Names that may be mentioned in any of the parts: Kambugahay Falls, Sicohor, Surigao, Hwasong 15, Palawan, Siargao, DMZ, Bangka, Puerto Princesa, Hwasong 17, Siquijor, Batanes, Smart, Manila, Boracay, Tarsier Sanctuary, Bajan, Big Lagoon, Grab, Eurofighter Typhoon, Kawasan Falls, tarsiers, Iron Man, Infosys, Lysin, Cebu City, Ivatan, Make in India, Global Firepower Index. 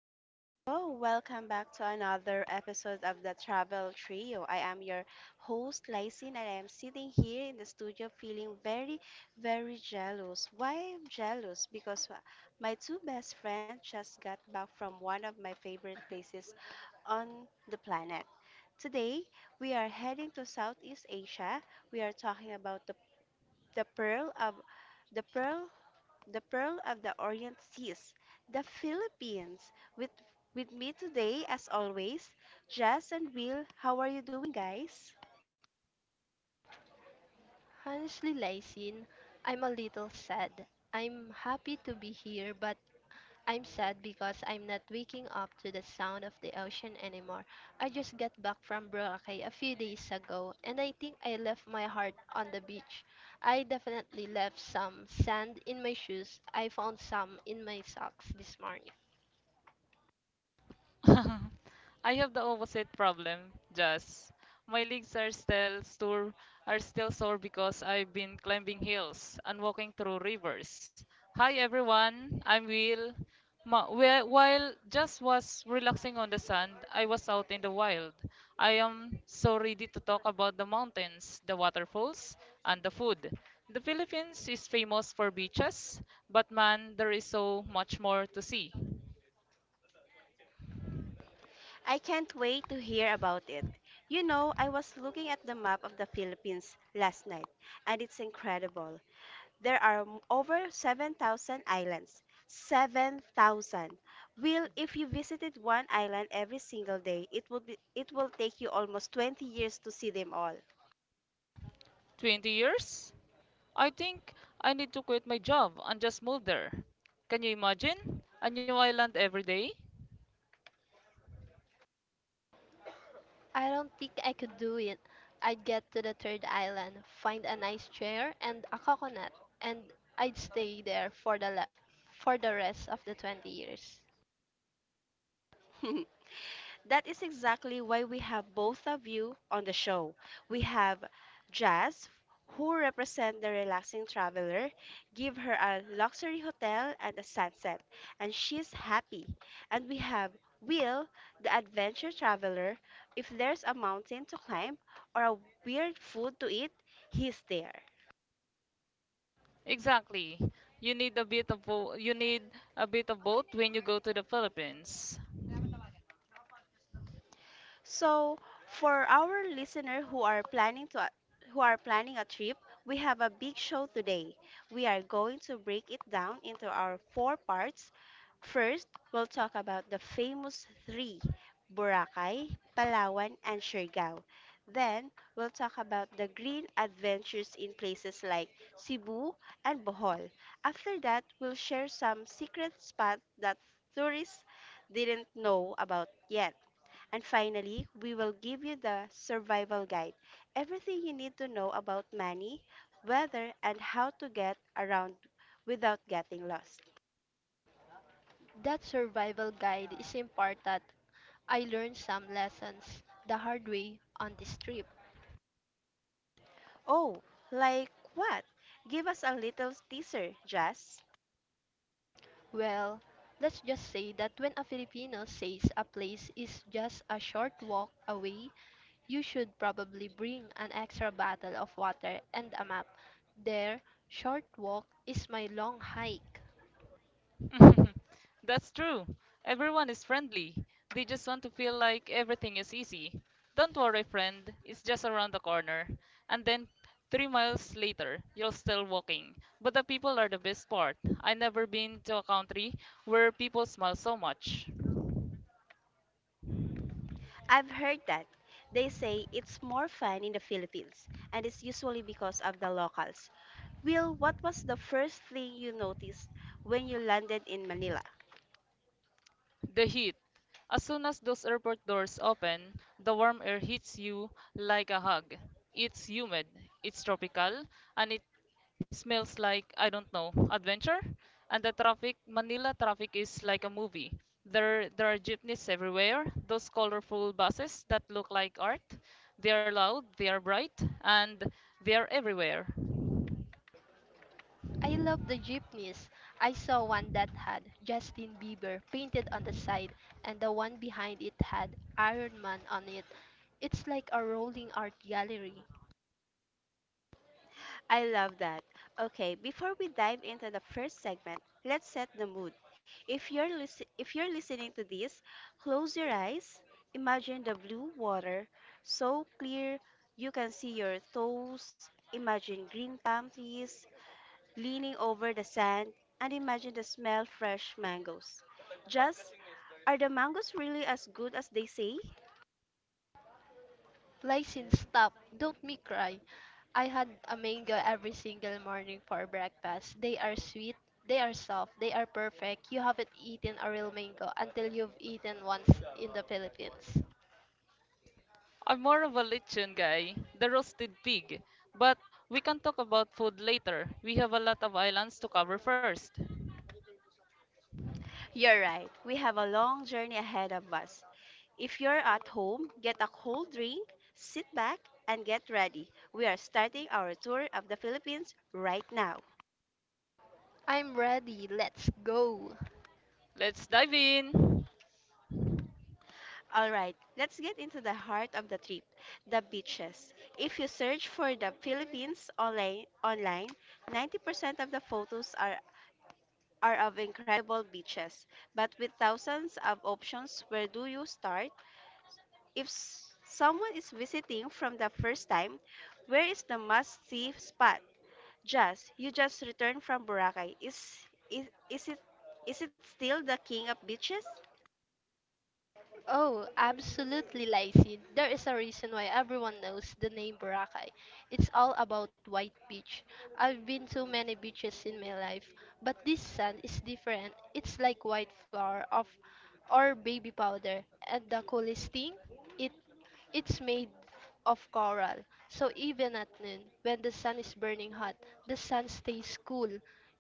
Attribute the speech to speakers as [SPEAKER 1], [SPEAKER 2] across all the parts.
[SPEAKER 1] hello, hello. Welcome back to another episode of the Travel Trio. I am your host, Lysin, and I am sitting here in the studio feeling very, very jealous. Why I'm jealous? Because my two best friends just got back from one of my favorite places on the planet. Today, we are heading to Southeast Asia. We are talking about the pearl of the pearl the Pearl of the Orient Seas, the Philippines. With, with me today, as always, Jess and Will. How are you doing, guys?
[SPEAKER 2] Honestly, Lysin, I'm a little sad. I'm happy to be here, but I'm sad because I'm not waking up to the sound of the ocean anymore. I just got back from Boracay a few days ago, and I think I left my heart on the beach. I definitely left some sand in my shoes. I found some in my socks this morning.
[SPEAKER 3] I have the opposite problem. Just, my legs are still sore because I've been climbing hills and walking through rivers. Hi everyone, I'm Will. While just was relaxing on the sand, I was out in the wild. I am so ready to talk about the mountains, the waterfalls, and the food. The Philippines is famous for beaches, but man, there is so much more to see.
[SPEAKER 1] I can't wait to hear about it. You know, I was looking at the map of the Philippines last night, and it's incredible. There are over 7,000 islands. 7,000. Will, if you visited one island every single day, it will take you almost 20 years to see them all.
[SPEAKER 3] 20 years? I think I need to quit my job and just move there. Can you imagine? A new island every day?
[SPEAKER 2] I don't think I could do it. I'd get to the third island, find a nice chair and a coconut, and I'd stay there for the rest of the 20 years.
[SPEAKER 1] That is exactly why we have both of you on the show. We have Jazz, who represent the relaxing traveler, give her a luxury hotel and a sunset, and she's happy. And we have Will, the adventure traveler. If there's a mountain to climb or a weird food to eat, he's there.
[SPEAKER 3] Exactly. You need a bit of bo- you need a bit of both when you go to the Philippines.
[SPEAKER 1] So, for our listener who are planning a trip, we have a big show today. We are going to break it down into our four parts. First, we'll talk about the famous three, Boracay, Palawan, and Siargao. Then, we'll talk about the green adventures in places like Cebu and Bohol. After that, we'll share some secret spots that tourists didn't know about yet. And finally, we will give you the survival guide, everything you need to know about money, weather, and how to get around without getting lost.
[SPEAKER 2] That survival guide is important. I learned some lessons the hard way on this trip.
[SPEAKER 1] Oh, like what? Give us a little teaser, Jazz.
[SPEAKER 2] Well, let's just say that when a Filipino says a place is just a short walk away, you should probably bring an extra bottle of water and a map. Their short walk is my long hike.
[SPEAKER 3] That's true. Everyone is friendly. They just want to feel like everything is easy. Don't worry, friend. It's just around the corner. And then 3 miles later, you're still walking. But the people are the best part. I never been to a country where people smile so much.
[SPEAKER 1] I've heard that. They say it's more fun in the Philippines, and it's usually because of the locals. Will, what was the first thing you noticed when you landed in Manila?
[SPEAKER 3] The heat. As soon as those airport doors open, the warm air hits you like a hug. It's humid, it's tropical, and it smells like, I don't know, adventure? And the traffic, Manila traffic is like a movie. There are jeepneys everywhere, those colorful buses that look like art. They are loud, they are bright, and they are everywhere.
[SPEAKER 2] I love the jeepneys. I saw one that had Justin Bieber painted on the side, and the one behind it had Iron Man on it. It's like a rolling art gallery.
[SPEAKER 1] I love that. Okay, before we dive into the first segment, let's set the mood. If you're listening to this, close your eyes. Imagine the blue water, so clear you can see your toes. Imagine green palm trees leaning over the sand, and imagine the smell fresh mangoes. Just, are the mangoes really as good as they say?
[SPEAKER 2] Lysine, stop. Don't me cry. I had a mango every single morning for breakfast. They are sweet, they are soft, they are perfect. You haven't eaten a real mango until you've eaten once in the Philippines.
[SPEAKER 3] I'm more of a lechon guy, the roasted pig. But we can talk about food later. We have a lot of islands to cover first.
[SPEAKER 1] You're right. We have a long journey ahead of us. If you're at home, get a cold drink, sit back, and get ready. We are starting our tour of the Philippines right now.
[SPEAKER 2] I'm ready. Let's go.
[SPEAKER 3] Let's dive in.
[SPEAKER 1] All right, let's get into the heart of the trip, the beaches. If you search for the Philippines online, 90% of the photos are of incredible beaches. But with thousands of options, where do you start? If someone is visiting from the first time, where is the must-see spot? Just, you just returned from Boracay. Is, is it is it still the king of beaches?
[SPEAKER 2] Oh, absolutely, Lacey. There is a reason why everyone knows the name Boracay. It's all about white beach. I've been to many beaches in my life, but this sand is different. It's like white flour of or baby powder. And the coolest thing, it it's made of coral. So even at noon, when the sun is burning hot, the sun stays cool.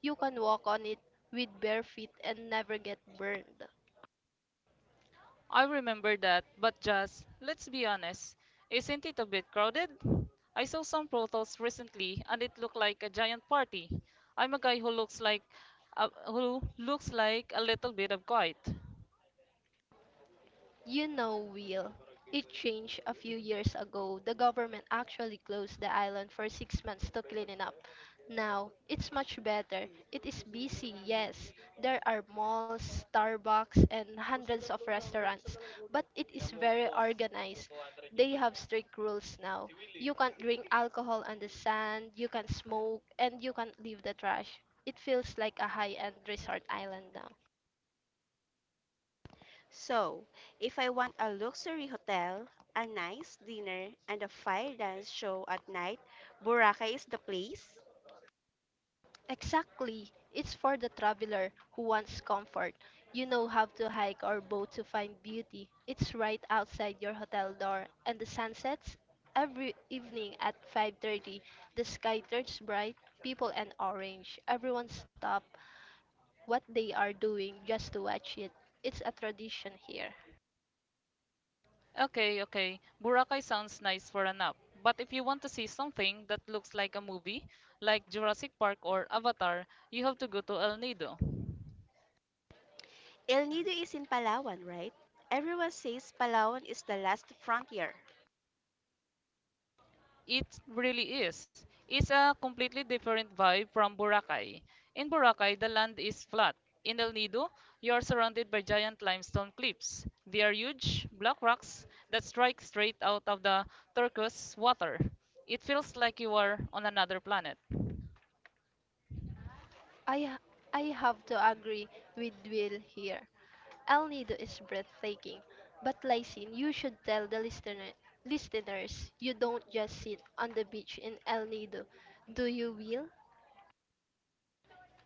[SPEAKER 2] You can walk on it with bare feet and never get burned.
[SPEAKER 3] I remember that, but just let's be honest, isn't it a bit crowded? I saw some photos recently and it looked like a giant party. I'm a guy who looks like a little bit of quiet.
[SPEAKER 2] You know, Will, it changed a few years ago. The government actually closed the island for 6 months to clean it up. Now, it's much better. It is busy, yes. There are malls, Starbucks, and hundreds of restaurants. But it is very organized. They have strict rules now. You can't drink alcohol on the sand, you can not smoke, and you can't leave the trash. It feels like a high-end resort island now.
[SPEAKER 1] So, if I want a luxury hotel, a nice dinner, and a fire dance show at night, Boracay is the place.
[SPEAKER 2] Exactly. It's for the traveler who wants comfort. You know how to hike or boat to find beauty. It's right outside your hotel door and the sun sets every evening at 5:30. The sky turns bright, people and orange. Everyone stop what they are doing just to watch it. It's a tradition here.
[SPEAKER 3] Okay, okay. Boracay sounds nice for a nap. But if you want to see something that looks like a movie, like Jurassic Park or Avatar, you have to go to El Nido.
[SPEAKER 1] El Nido is in Palawan, right? Everyone says Palawan is the last frontier.
[SPEAKER 3] It really is. It's a completely different vibe from Boracay. In Boracay, the land is flat. In El Nido, you are surrounded by giant limestone cliffs. They are huge, black rocks that strike straight out of the turquoise water. It feels like you are on another planet.
[SPEAKER 2] I ha- I have to agree with Will here. El Nido is breathtaking, but Lysine, you should tell the listeners you don't just sit on the beach in El Nido, do you, Will?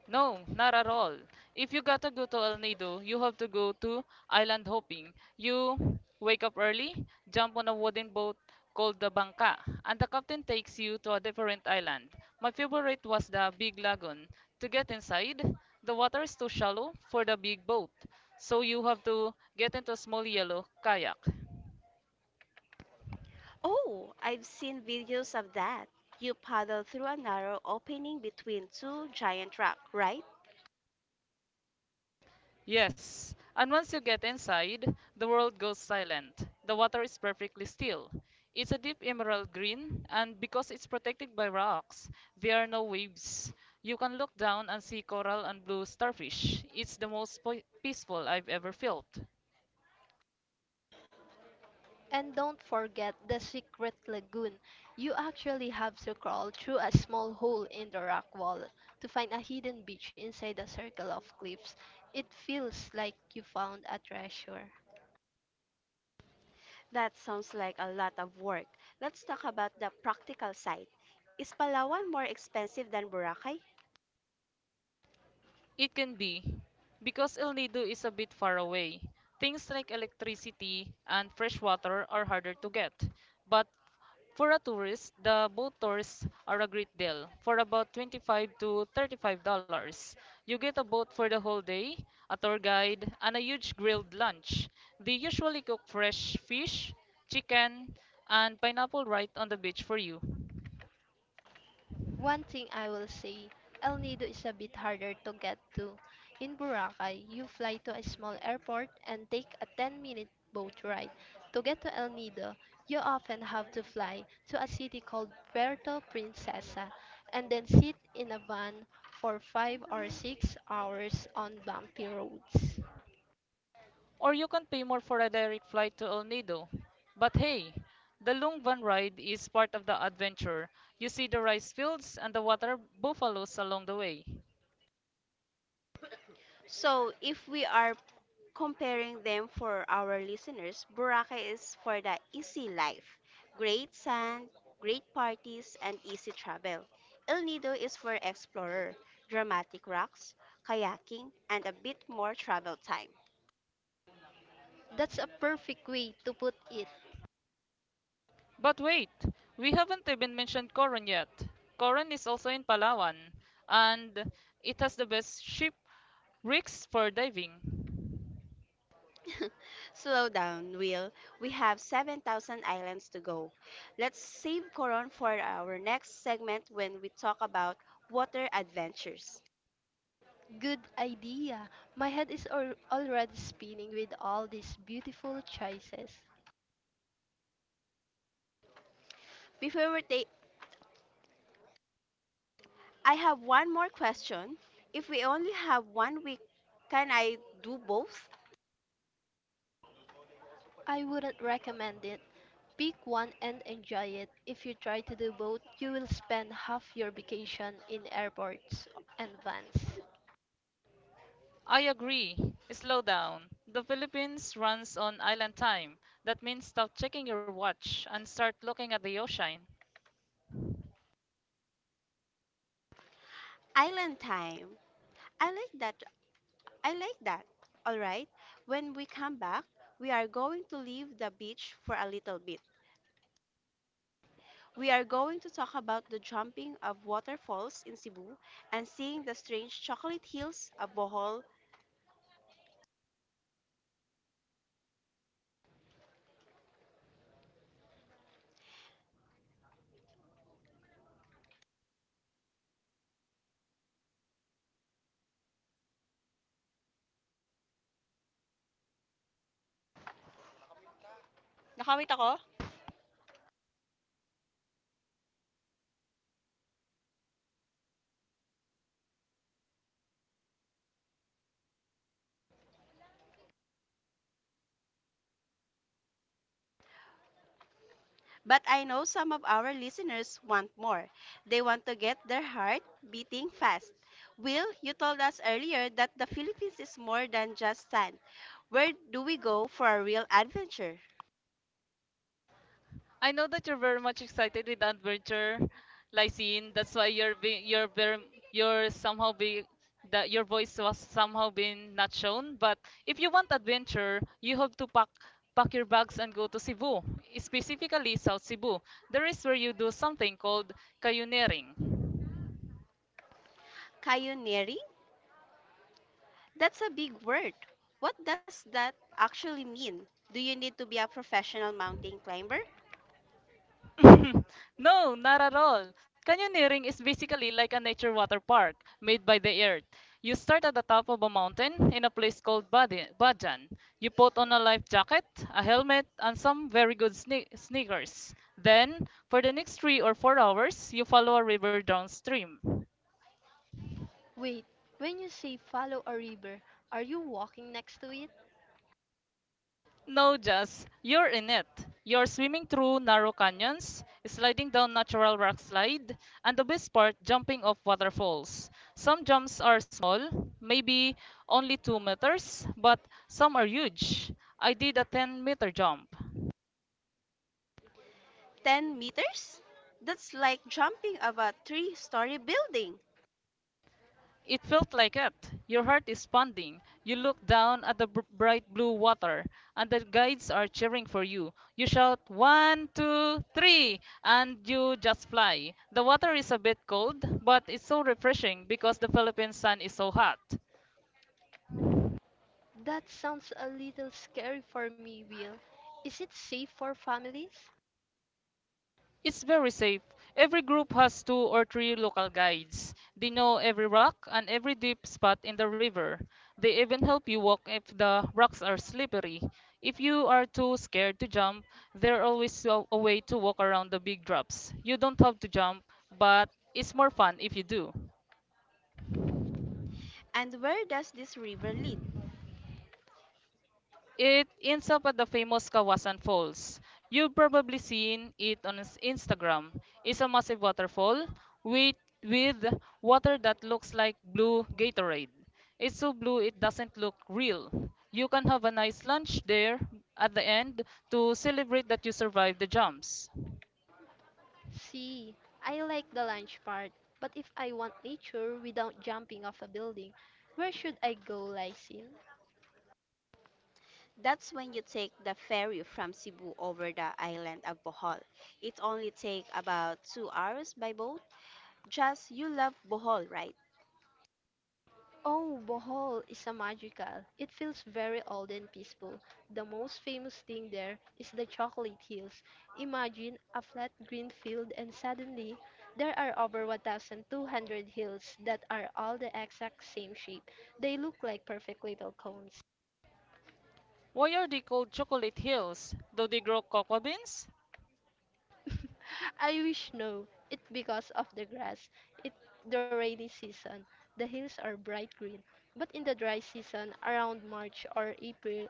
[SPEAKER 3] No, not at all. If you gotta go to El Nido, you have to go to island hopping. You wake up early, jump on a wooden boat called the Bangka, and the captain takes you to a different island. My favorite was the Big Lagoon. To get inside, the water is too shallow for the big boat, so you have to get into a small yellow kayak.
[SPEAKER 1] Oh, I've seen videos of that. You paddle through a narrow opening between two giant rocks, right?
[SPEAKER 3] Yes, and once you get inside, the world goes silent. The water is perfectly still. It's a deep emerald green, and because it's protected by rocks, there are no waves. You can look down and see coral and blue starfish. It's the most peaceful I've ever felt.
[SPEAKER 2] And don't forget the secret lagoon. You actually have to crawl through a small hole in the rock wall to find a hidden beach inside a circle of cliffs. It feels like you found a treasure.
[SPEAKER 1] That sounds like a lot of work. Let's talk about the practical side. Is Palawan more expensive than Boracay?
[SPEAKER 3] It can be, because El Nido is a bit far away. Things like electricity and fresh water are harder to get, but for a tourist, the boat tours are a great deal. For about 25 to $35, you get a boat for the whole day, a tour guide, and a huge grilled lunch. They usually cook fresh fish, chicken, and pineapple right on the beach for you.
[SPEAKER 2] One thing I will say, El Nido is a bit harder to get to. In Boracay, you fly to a small airport and take a 10-minute boat ride. To get to El Nido, you often have to fly to a city called Puerto Princesa and then sit in a van for 5 or 6 hours on bumpy roads.
[SPEAKER 3] Or you can pay more for a direct flight to El Nido. But hey, the Lungvan ride is part of the adventure. You see the rice fields and the water buffaloes along the way.
[SPEAKER 1] So if we are comparing them for our listeners, Boracay is for the easy life, great sand, great parties, and easy travel. El Nido is for explorer, dramatic rocks, kayaking, and a bit more travel time.
[SPEAKER 2] That's a perfect way to put it.
[SPEAKER 3] But wait, we haven't even mentioned Coron yet. Coron is also in Palawan, and it has the best ship rigs for diving.
[SPEAKER 1] Slow down, Will. We have 7,000 islands to go. Let's save Coron for our next segment when we talk about water adventures.
[SPEAKER 2] Good idea. My head is already spinning with all these beautiful choices.
[SPEAKER 1] Before we, ta- I have one more question. If we only have one week, can I do both?
[SPEAKER 2] I wouldn't recommend it. Pick one and enjoy it. If you try to do both, you will spend half your vacation in airports and vans.
[SPEAKER 3] I agree. Slow down. The Philippines runs on island time. That means stop checking your watch and start looking at the ocean.
[SPEAKER 1] Island time. I like that. I like that. All right. When we come back, we are going to leave the beach for a little bit. We are going to talk about the jumping of waterfalls in Cebu and seeing the strange chocolate hills of Bohol. Nakamit ako? But I know some of our listeners want more. They want to get their heart beating fast. Will, you told us earlier that the Philippines is more than just sand. Where do we go for a real adventure?
[SPEAKER 3] I know that you're very much excited with adventure, Lysine. That's why you're being you're very you're somehow be that your voice was somehow being not shown. But if you want adventure, you have to pack your bags and go to Cebu, specifically South Cebu. There is where you do something called cayuneering.
[SPEAKER 1] Pioneering? That's a big word. What does that actually mean? Do you need to be a professional mountain climber?
[SPEAKER 3] No, not at all. Canyoneering is basically like a nature water park made by the earth. You start at the top of a mountain in a place called Bajan. You put on a life jacket, a helmet, and some very good sneakers. Then, for the next 3 or 4 hours, you follow a river downstream.
[SPEAKER 2] Wait, when you say follow a river, are you walking next to it?
[SPEAKER 3] No, just you're in it. You're swimming through narrow canyons, sliding down natural rock slide, and the best part, jumping off waterfalls. Some jumps are small, maybe only 2 meters, but some are huge. I did a 10-meter jump.
[SPEAKER 1] 10 meters? That's like jumping of a three-story building.
[SPEAKER 3] It felt like it. Your heart is pounding. You look down at the bright blue water, and the guides are cheering for you. You shout, one, two, three, and you just fly. The water is a bit cold, but it's so refreshing because the Philippine sun is so hot.
[SPEAKER 2] That sounds a little scary for me, Will. Is it safe for families?
[SPEAKER 3] It's very safe. Every group has two or three local guides. They know every rock and every deep spot in the river. They even help you walk if the rocks are slippery. If you are too scared to jump, there's always a way to walk around the big drops. You don't have to jump, but it's more fun if you do.
[SPEAKER 1] And where does this river lead?
[SPEAKER 3] It ends up at the famous Kawasan Falls. You've probably seen it on Instagram. It's a massive waterfall with, with water that looks like blue Gatorade. It's so blue it doesn't look real. You can have a nice lunch there at the end to celebrate that you survived the jumps.
[SPEAKER 2] See, I like the lunch part, but if I want nature without jumping off a building, where should I go, Lysin?
[SPEAKER 1] That's when you take the ferry from Cebu over the island of Bohol. It only takes about 2 hours by boat. Just, you love Bohol, right?
[SPEAKER 2] Oh, Bohol is a magical. It feels very old and peaceful. The most famous thing there is the chocolate hills. Imagine a flat green field and suddenly there are over 1,200 hills that are all the exact same shape. They look like perfect little cones.
[SPEAKER 3] Why are they called chocolate hills? Do they grow cocoa beans?
[SPEAKER 2] I wish no. It's because of the grass. It the rainy season. The hills are bright green. But in the dry season around March or April,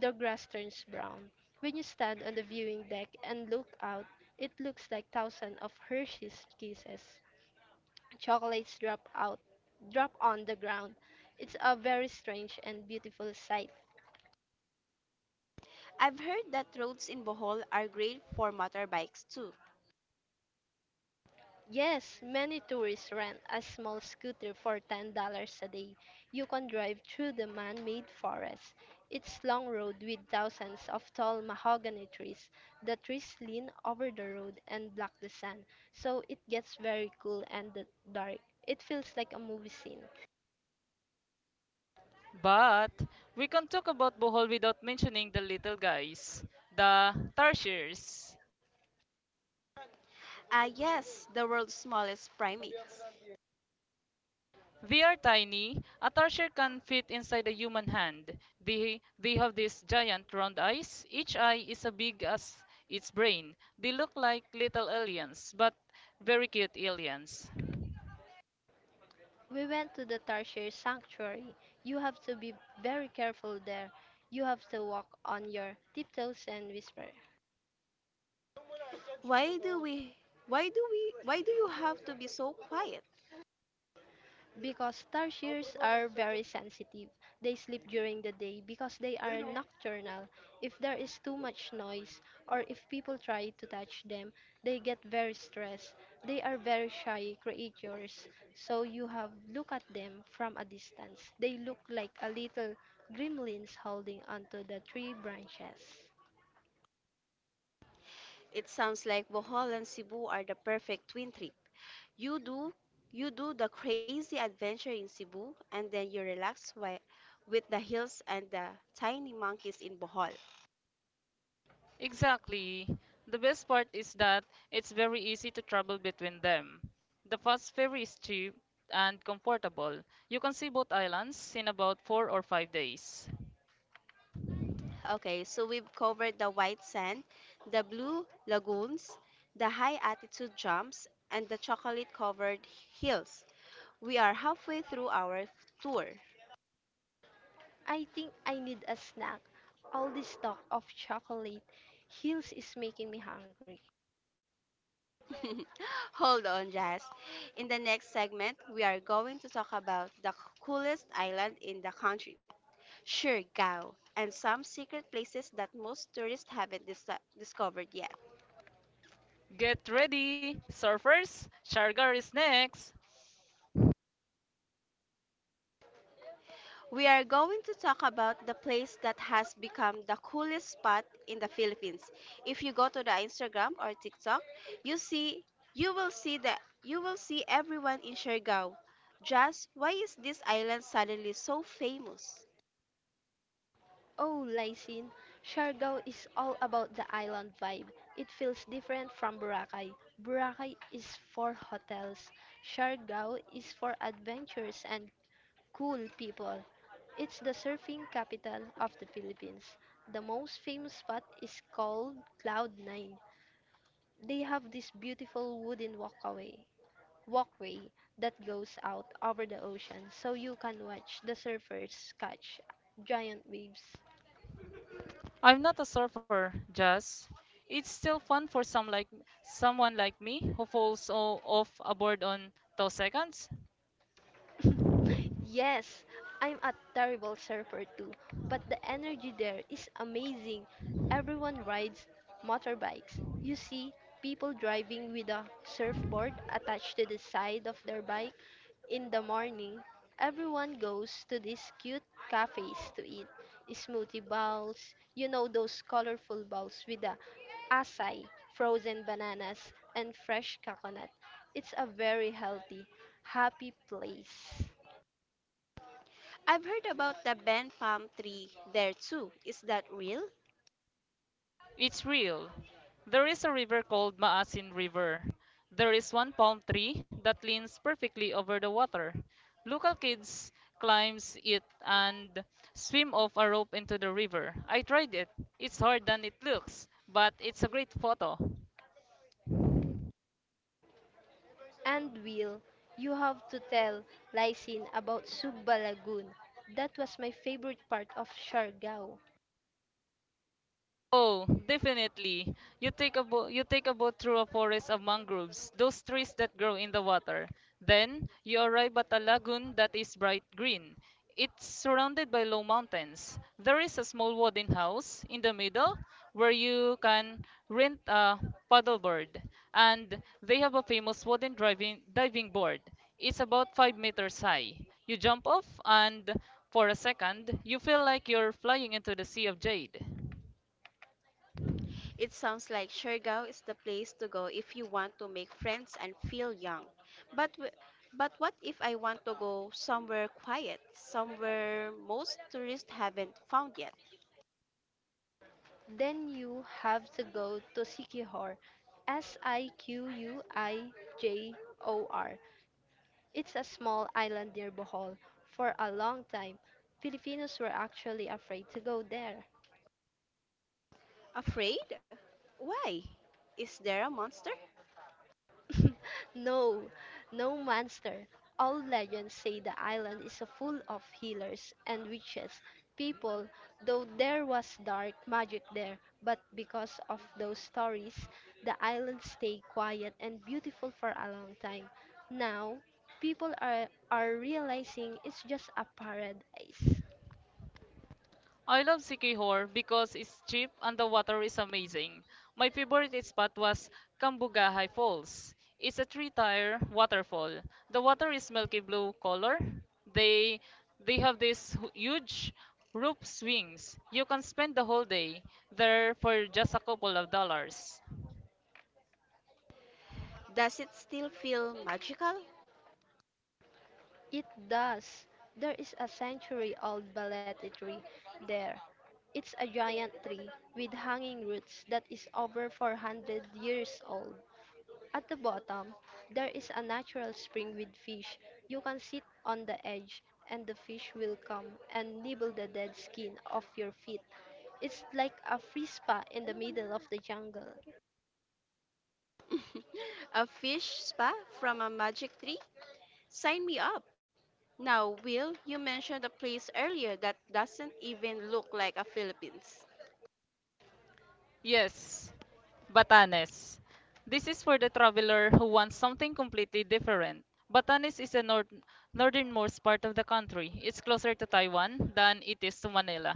[SPEAKER 2] the grass turns brown. When you stand on the viewing deck and look out, it looks like thousands of Hershey's kisses. Chocolates drop out, drop on the ground. It's a very strange and beautiful sight.
[SPEAKER 1] I've heard that roads in Bohol are great for motorbikes too.
[SPEAKER 2] Yes, many tourists rent a small scooter for $10 a day. You can drive through the man-made forest. It's long road with thousands of tall mahogany trees. The trees lean over the road and block the sun, so it gets very cool and dark. It feels like a movie scene.
[SPEAKER 3] But we can't talk about Bohol without mentioning the little guys, the tarsiers.
[SPEAKER 1] Ah yes, the world's smallest primates.
[SPEAKER 3] They are tiny. A tarsier can fit inside a human hand. They have these giant round eyes. Each eye is as big as its brain. They look like little aliens, but very cute aliens.
[SPEAKER 2] We went to the Tarsier Sanctuary. You have to be very careful there. You have to walk on your tiptoes and whisper.
[SPEAKER 1] Why do we why do we why do you have to be so quiet?
[SPEAKER 2] Because tarsiers are very sensitive. They sleep during the day because they are nocturnal. If there is too much noise or if people try to touch them, they get very stressed. They are very shy creatures. So you have look at them from a distance. They look like a little gremlins holding onto the tree branches.
[SPEAKER 1] It sounds like Bohol and Cebu are the perfect twin trip. You do you do the crazy adventure in Cebu and then you relax with the hills and the tiny monkeys in Bohol.
[SPEAKER 3] Exactly. The best part is that it's very easy to travel between them. The fast ferry is cheap and comfortable. You can see both islands in about 4 or 5 days.
[SPEAKER 1] Okay, so we've covered the white sand, the blue lagoons, the high altitude jumps, and the chocolate covered hills. We are halfway through our tour.
[SPEAKER 2] I think I need a snack. All this talk of chocolate hills is making me hungry.
[SPEAKER 1] Hold on, Jazz. In the next segment, we are going to talk about the coolest island in the country, Surigao, and some secret places that most tourists haven't discovered yet.
[SPEAKER 3] Get ready, surfers! Shargar is next!
[SPEAKER 1] We are going to talk about the place that has become the coolest spot in the Philippines. If you go to the Instagram or TikTok, you see you will see everyone in Surigao. Jazz, why is this island suddenly so famous?
[SPEAKER 2] Oh, Lysine, Siargao is all about the island vibe. It feels different from Boracay. Boracay is for hotels. Siargao is for adventures and cool people. It's the surfing capital of the Philippines. The most famous spot is called Cloud 9. They have this beautiful wooden walkway that goes out over the ocean so you can watch the surfers catch giant waves.
[SPEAKER 3] I'm not a surfer, just it's still fun for someone like me who falls off a board on 2 seconds.
[SPEAKER 2] Yes, I'm a terrible surfer too, but the energy there is amazing. Everyone rides motorbikes. You see people driving with a surfboard attached to the side of their bike. In the morning, everyone goes to these cute cafes to eat smoothie bowls. You know those colorful bowls with the acai, frozen bananas, and fresh coconut. It's a very healthy, happy place.
[SPEAKER 1] I've heard about the Ben palm tree there too. Is that real?
[SPEAKER 3] It's real. There is a river called Maasin River. There is one palm tree that leans perfectly over the water. Local kids climbs it and swim off a rope into the river. I tried it. It's harder than it looks, but it's a great photo.
[SPEAKER 2] And Will, you have to tell Lysin about Sugba Lagoon. That was my favorite part of Siargao.
[SPEAKER 3] Oh, definitely. You take a boat through a forest of mangroves, those trees that grow in the water. Then you arrive at a lagoon that is bright green. It's surrounded by low mountains. There is a small wooden house in the middle where you can rent a paddleboard, and they have a famous wooden driving diving board. It's about 5 meters high. You jump off and for a second, you feel like you're flying into the sea of jade.
[SPEAKER 1] It sounds like Siargao is the place to go if you want to make friends and feel young. But w- but what if I want to go somewhere quiet, somewhere most tourists haven't found yet?
[SPEAKER 2] Then you have to go to Sikihor. Siquijor. It's a small island near Bohol. For a long time, Filipinos were actually afraid to go there.
[SPEAKER 1] Afraid? Why? Is there a monster?
[SPEAKER 2] No, no monster. All legends say the island is full of healers and witches. People, though there was dark magic there, but because of those stories, the island stayed quiet and beautiful for a long time. Now, people are realizing it's just a paradise.
[SPEAKER 3] I love Siquijor because it's cheap and the water is amazing. My favorite spot was Kambugahay Falls. It's a three-tier waterfall. The water is milky blue color. They they have these huge rope swings. You can spend the whole day there for just a couple of dollars.
[SPEAKER 1] Does it still feel magical?
[SPEAKER 2] It does. There is a century old balete tree there. It's a giant tree with hanging roots that is over 400 years old. At the bottom, there is a natural spring with fish. You can sit on the edge and the fish will come and nibble the dead skin off your feet. It's like a free spa in the middle of the jungle.
[SPEAKER 1] A fish spa from a magic tree? Sign me up. Now, Will, you mentioned a place earlier that doesn't even look like a Philippines.
[SPEAKER 3] Yes, Batanes. This is for the traveler who wants something completely different. Batanes is the northernmost part of the country. It's closer to Taiwan than it is to Manila.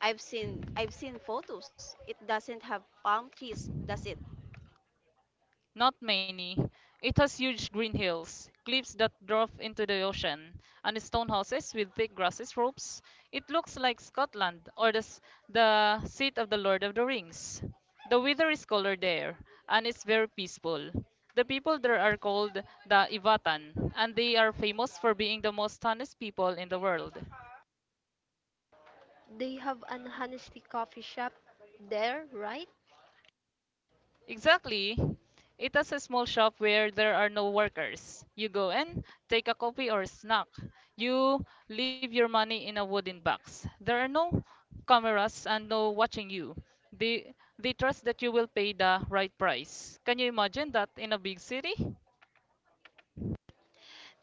[SPEAKER 1] I've seen photos. It doesn't have palm trees, does it?
[SPEAKER 3] Not many. It has huge green hills, cliffs that drop into the ocean, and stone houses with thick grasses ropes. It looks like Scotland or the seat of the Lord of the Rings. The weather is colder there, and it's very peaceful. The people there are called the Ivatan, and they are famous for being the most honest people in the world.
[SPEAKER 2] They have an honesty coffee shop there, right?
[SPEAKER 3] Exactly. It is a small shop where there are no workers. You go in, take a coffee or snack. You leave your money in a wooden box. There are no cameras and no watching you. They, they trust that you will pay the right price. Can you imagine that in a big city?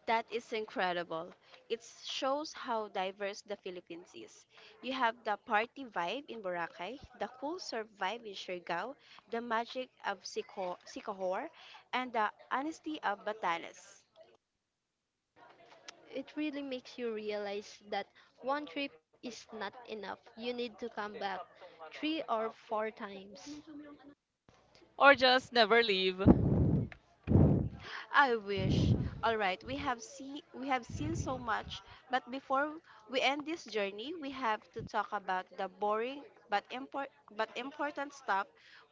[SPEAKER 1] That is incredible. It shows how diverse the Philippines is. You have the party vibe in Boracay, the cool surf vibe in Siargao, the magic of Sicohor, and the honesty of Batanes.
[SPEAKER 2] It really makes you realize that one trip is not enough. You need to come back 3 or 4 times.
[SPEAKER 3] Or just never leave?
[SPEAKER 1] I wish. All right, we have seen so much, but before we end this journey, we have to talk about the boring but import but important stuff.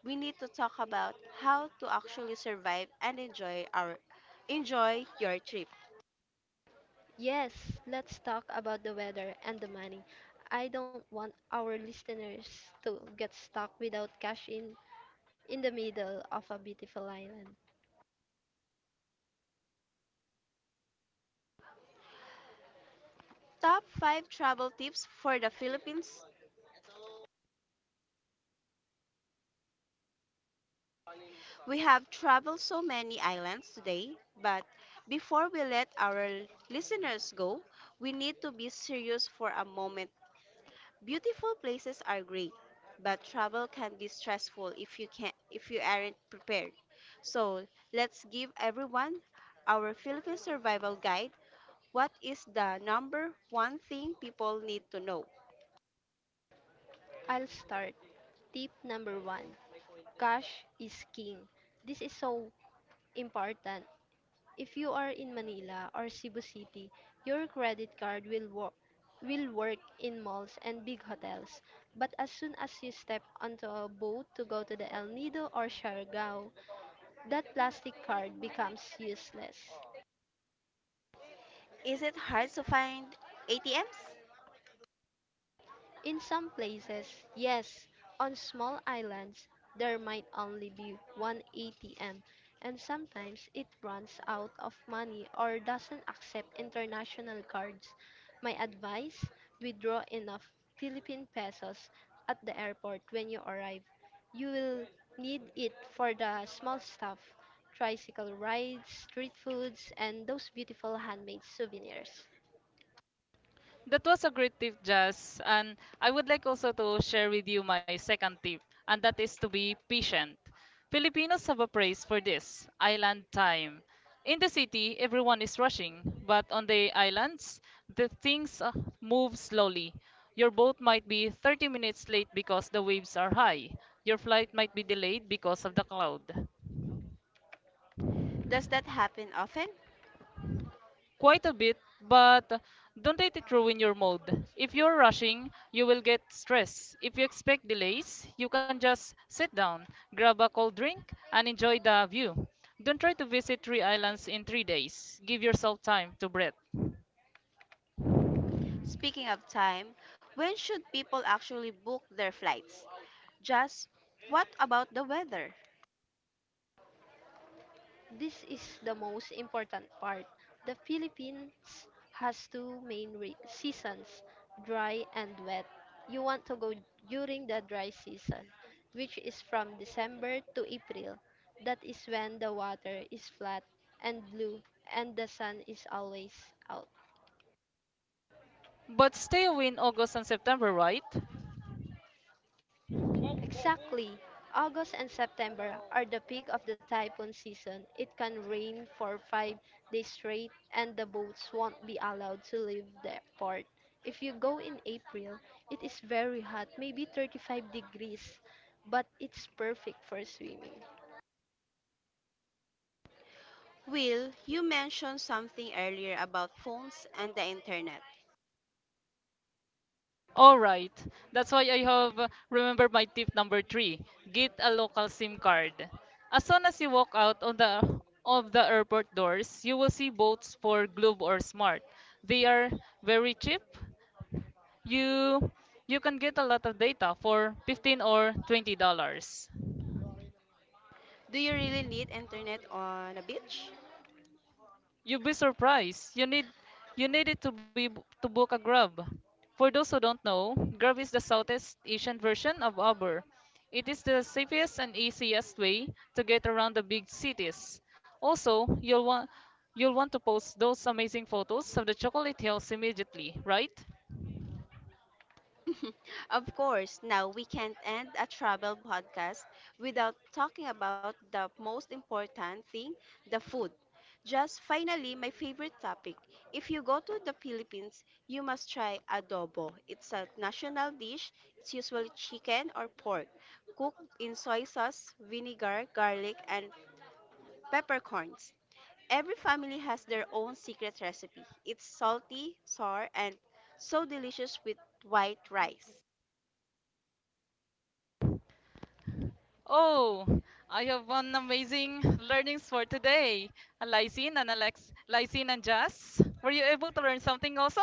[SPEAKER 1] We need to talk about how to actually survive and enjoy your trip.
[SPEAKER 2] Yes, let's talk about the weather and the money. I don't want our listeners to get stuck without cash in the middle of a beautiful island.
[SPEAKER 1] Top 5 travel tips for the Philippines. We have traveled so many islands today, but before we let our listeners go, we need to be serious for a moment. Beautiful places are great, but travel can be stressful if you aren't prepared. So, let's give everyone our Philippine survival guide. What is the number one thing people need to know?
[SPEAKER 2] I'll start. Tip number one, cash is king. This is so important. If you are in Manila or Cebu City, your credit card will work in malls and big hotels. But as soon as you step onto a boat to go to the El Nido or Siargao, that plastic card becomes useless.
[SPEAKER 1] Is it hard to find ATMs?
[SPEAKER 2] In some places, yes, on small islands, there might only be one ATM, and sometimes it runs out of money or doesn't accept international cards. My advice, withdraw enough Philippine pesos at the airport when you arrive. You will need it for the small stuff, tricycle rides, street foods, and those beautiful handmade souvenirs.
[SPEAKER 3] That was a great tip, Jazz. And I would like also to share with you my second tip, and that is to be patient. Filipinos have a phrase for this, island time. In the city, everyone is rushing, but on the islands, the things move slowly. Your boat might be 30 minutes late because the waves are high. Your flight might be delayed because of the cloud.
[SPEAKER 1] Does that happen often?
[SPEAKER 3] Quite a bit, but don't let it ruin your mood. If you're rushing, you will get stressed. If you expect delays, you can just sit down, grab a cold drink, and enjoy the view. Don't try to visit three islands in 3 days. Give yourself time to breathe.
[SPEAKER 1] Speaking of time, when should people actually book their flights? Just, what about the weather?
[SPEAKER 2] This is the most important part. The Philippines has two main seasons, dry and wet. You want to go during the dry season, which is from December to April. That is when the water is flat and blue and the sun is always out.
[SPEAKER 3] But stay away in August and September, right?
[SPEAKER 2] Exactly. August and September are the peak of the typhoon season. It can rain for 5 days straight, and the boats won't be allowed to leave the port. If you go in April, it is very hot, maybe 35 degrees, but it's perfect for swimming.
[SPEAKER 1] Will, you mentioned something earlier about phones and the internet.
[SPEAKER 3] All right. That's why I have remembered my tip number three: get a local SIM card. As soon as you walk out on the of the airport doors, you will see boats for Globe or Smart. They are very cheap. You you can get a lot of data for $15 or 20.
[SPEAKER 1] Do you really need internet on a beach?
[SPEAKER 3] You'll be surprised. You need it to book a Grab. For those who don't know, Grab is the Southeast Asian version of Uber. It is the safest and easiest way to get around the big cities. Also, you'll want to post those amazing photos of the chocolate hills immediately, right?
[SPEAKER 1] Of course, now we can't end a travel podcast without talking about the most important thing, the food. Just, finally, my favorite topic. If you go to the Philippines, you must try adobo. It's a national dish. It's usually chicken or pork, cooked in soy sauce, vinegar, garlic, and peppercorns. Every family has their own secret recipe. It's salty, sour, and so delicious with white rice.
[SPEAKER 3] Oh, I have one amazing learnings for today. Lysine and Alex, Lysine and Jazz, were you able to learn something also?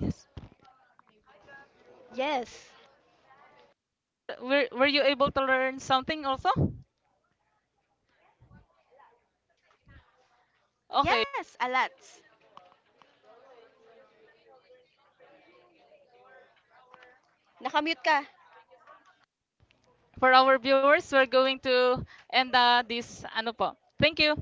[SPEAKER 3] Yes.
[SPEAKER 2] Yes,
[SPEAKER 3] Were you able to learn something also? Okay.
[SPEAKER 1] Yes, a lot. Nakamute ka.
[SPEAKER 3] For our viewers, we're going to end this ano po. Thank you.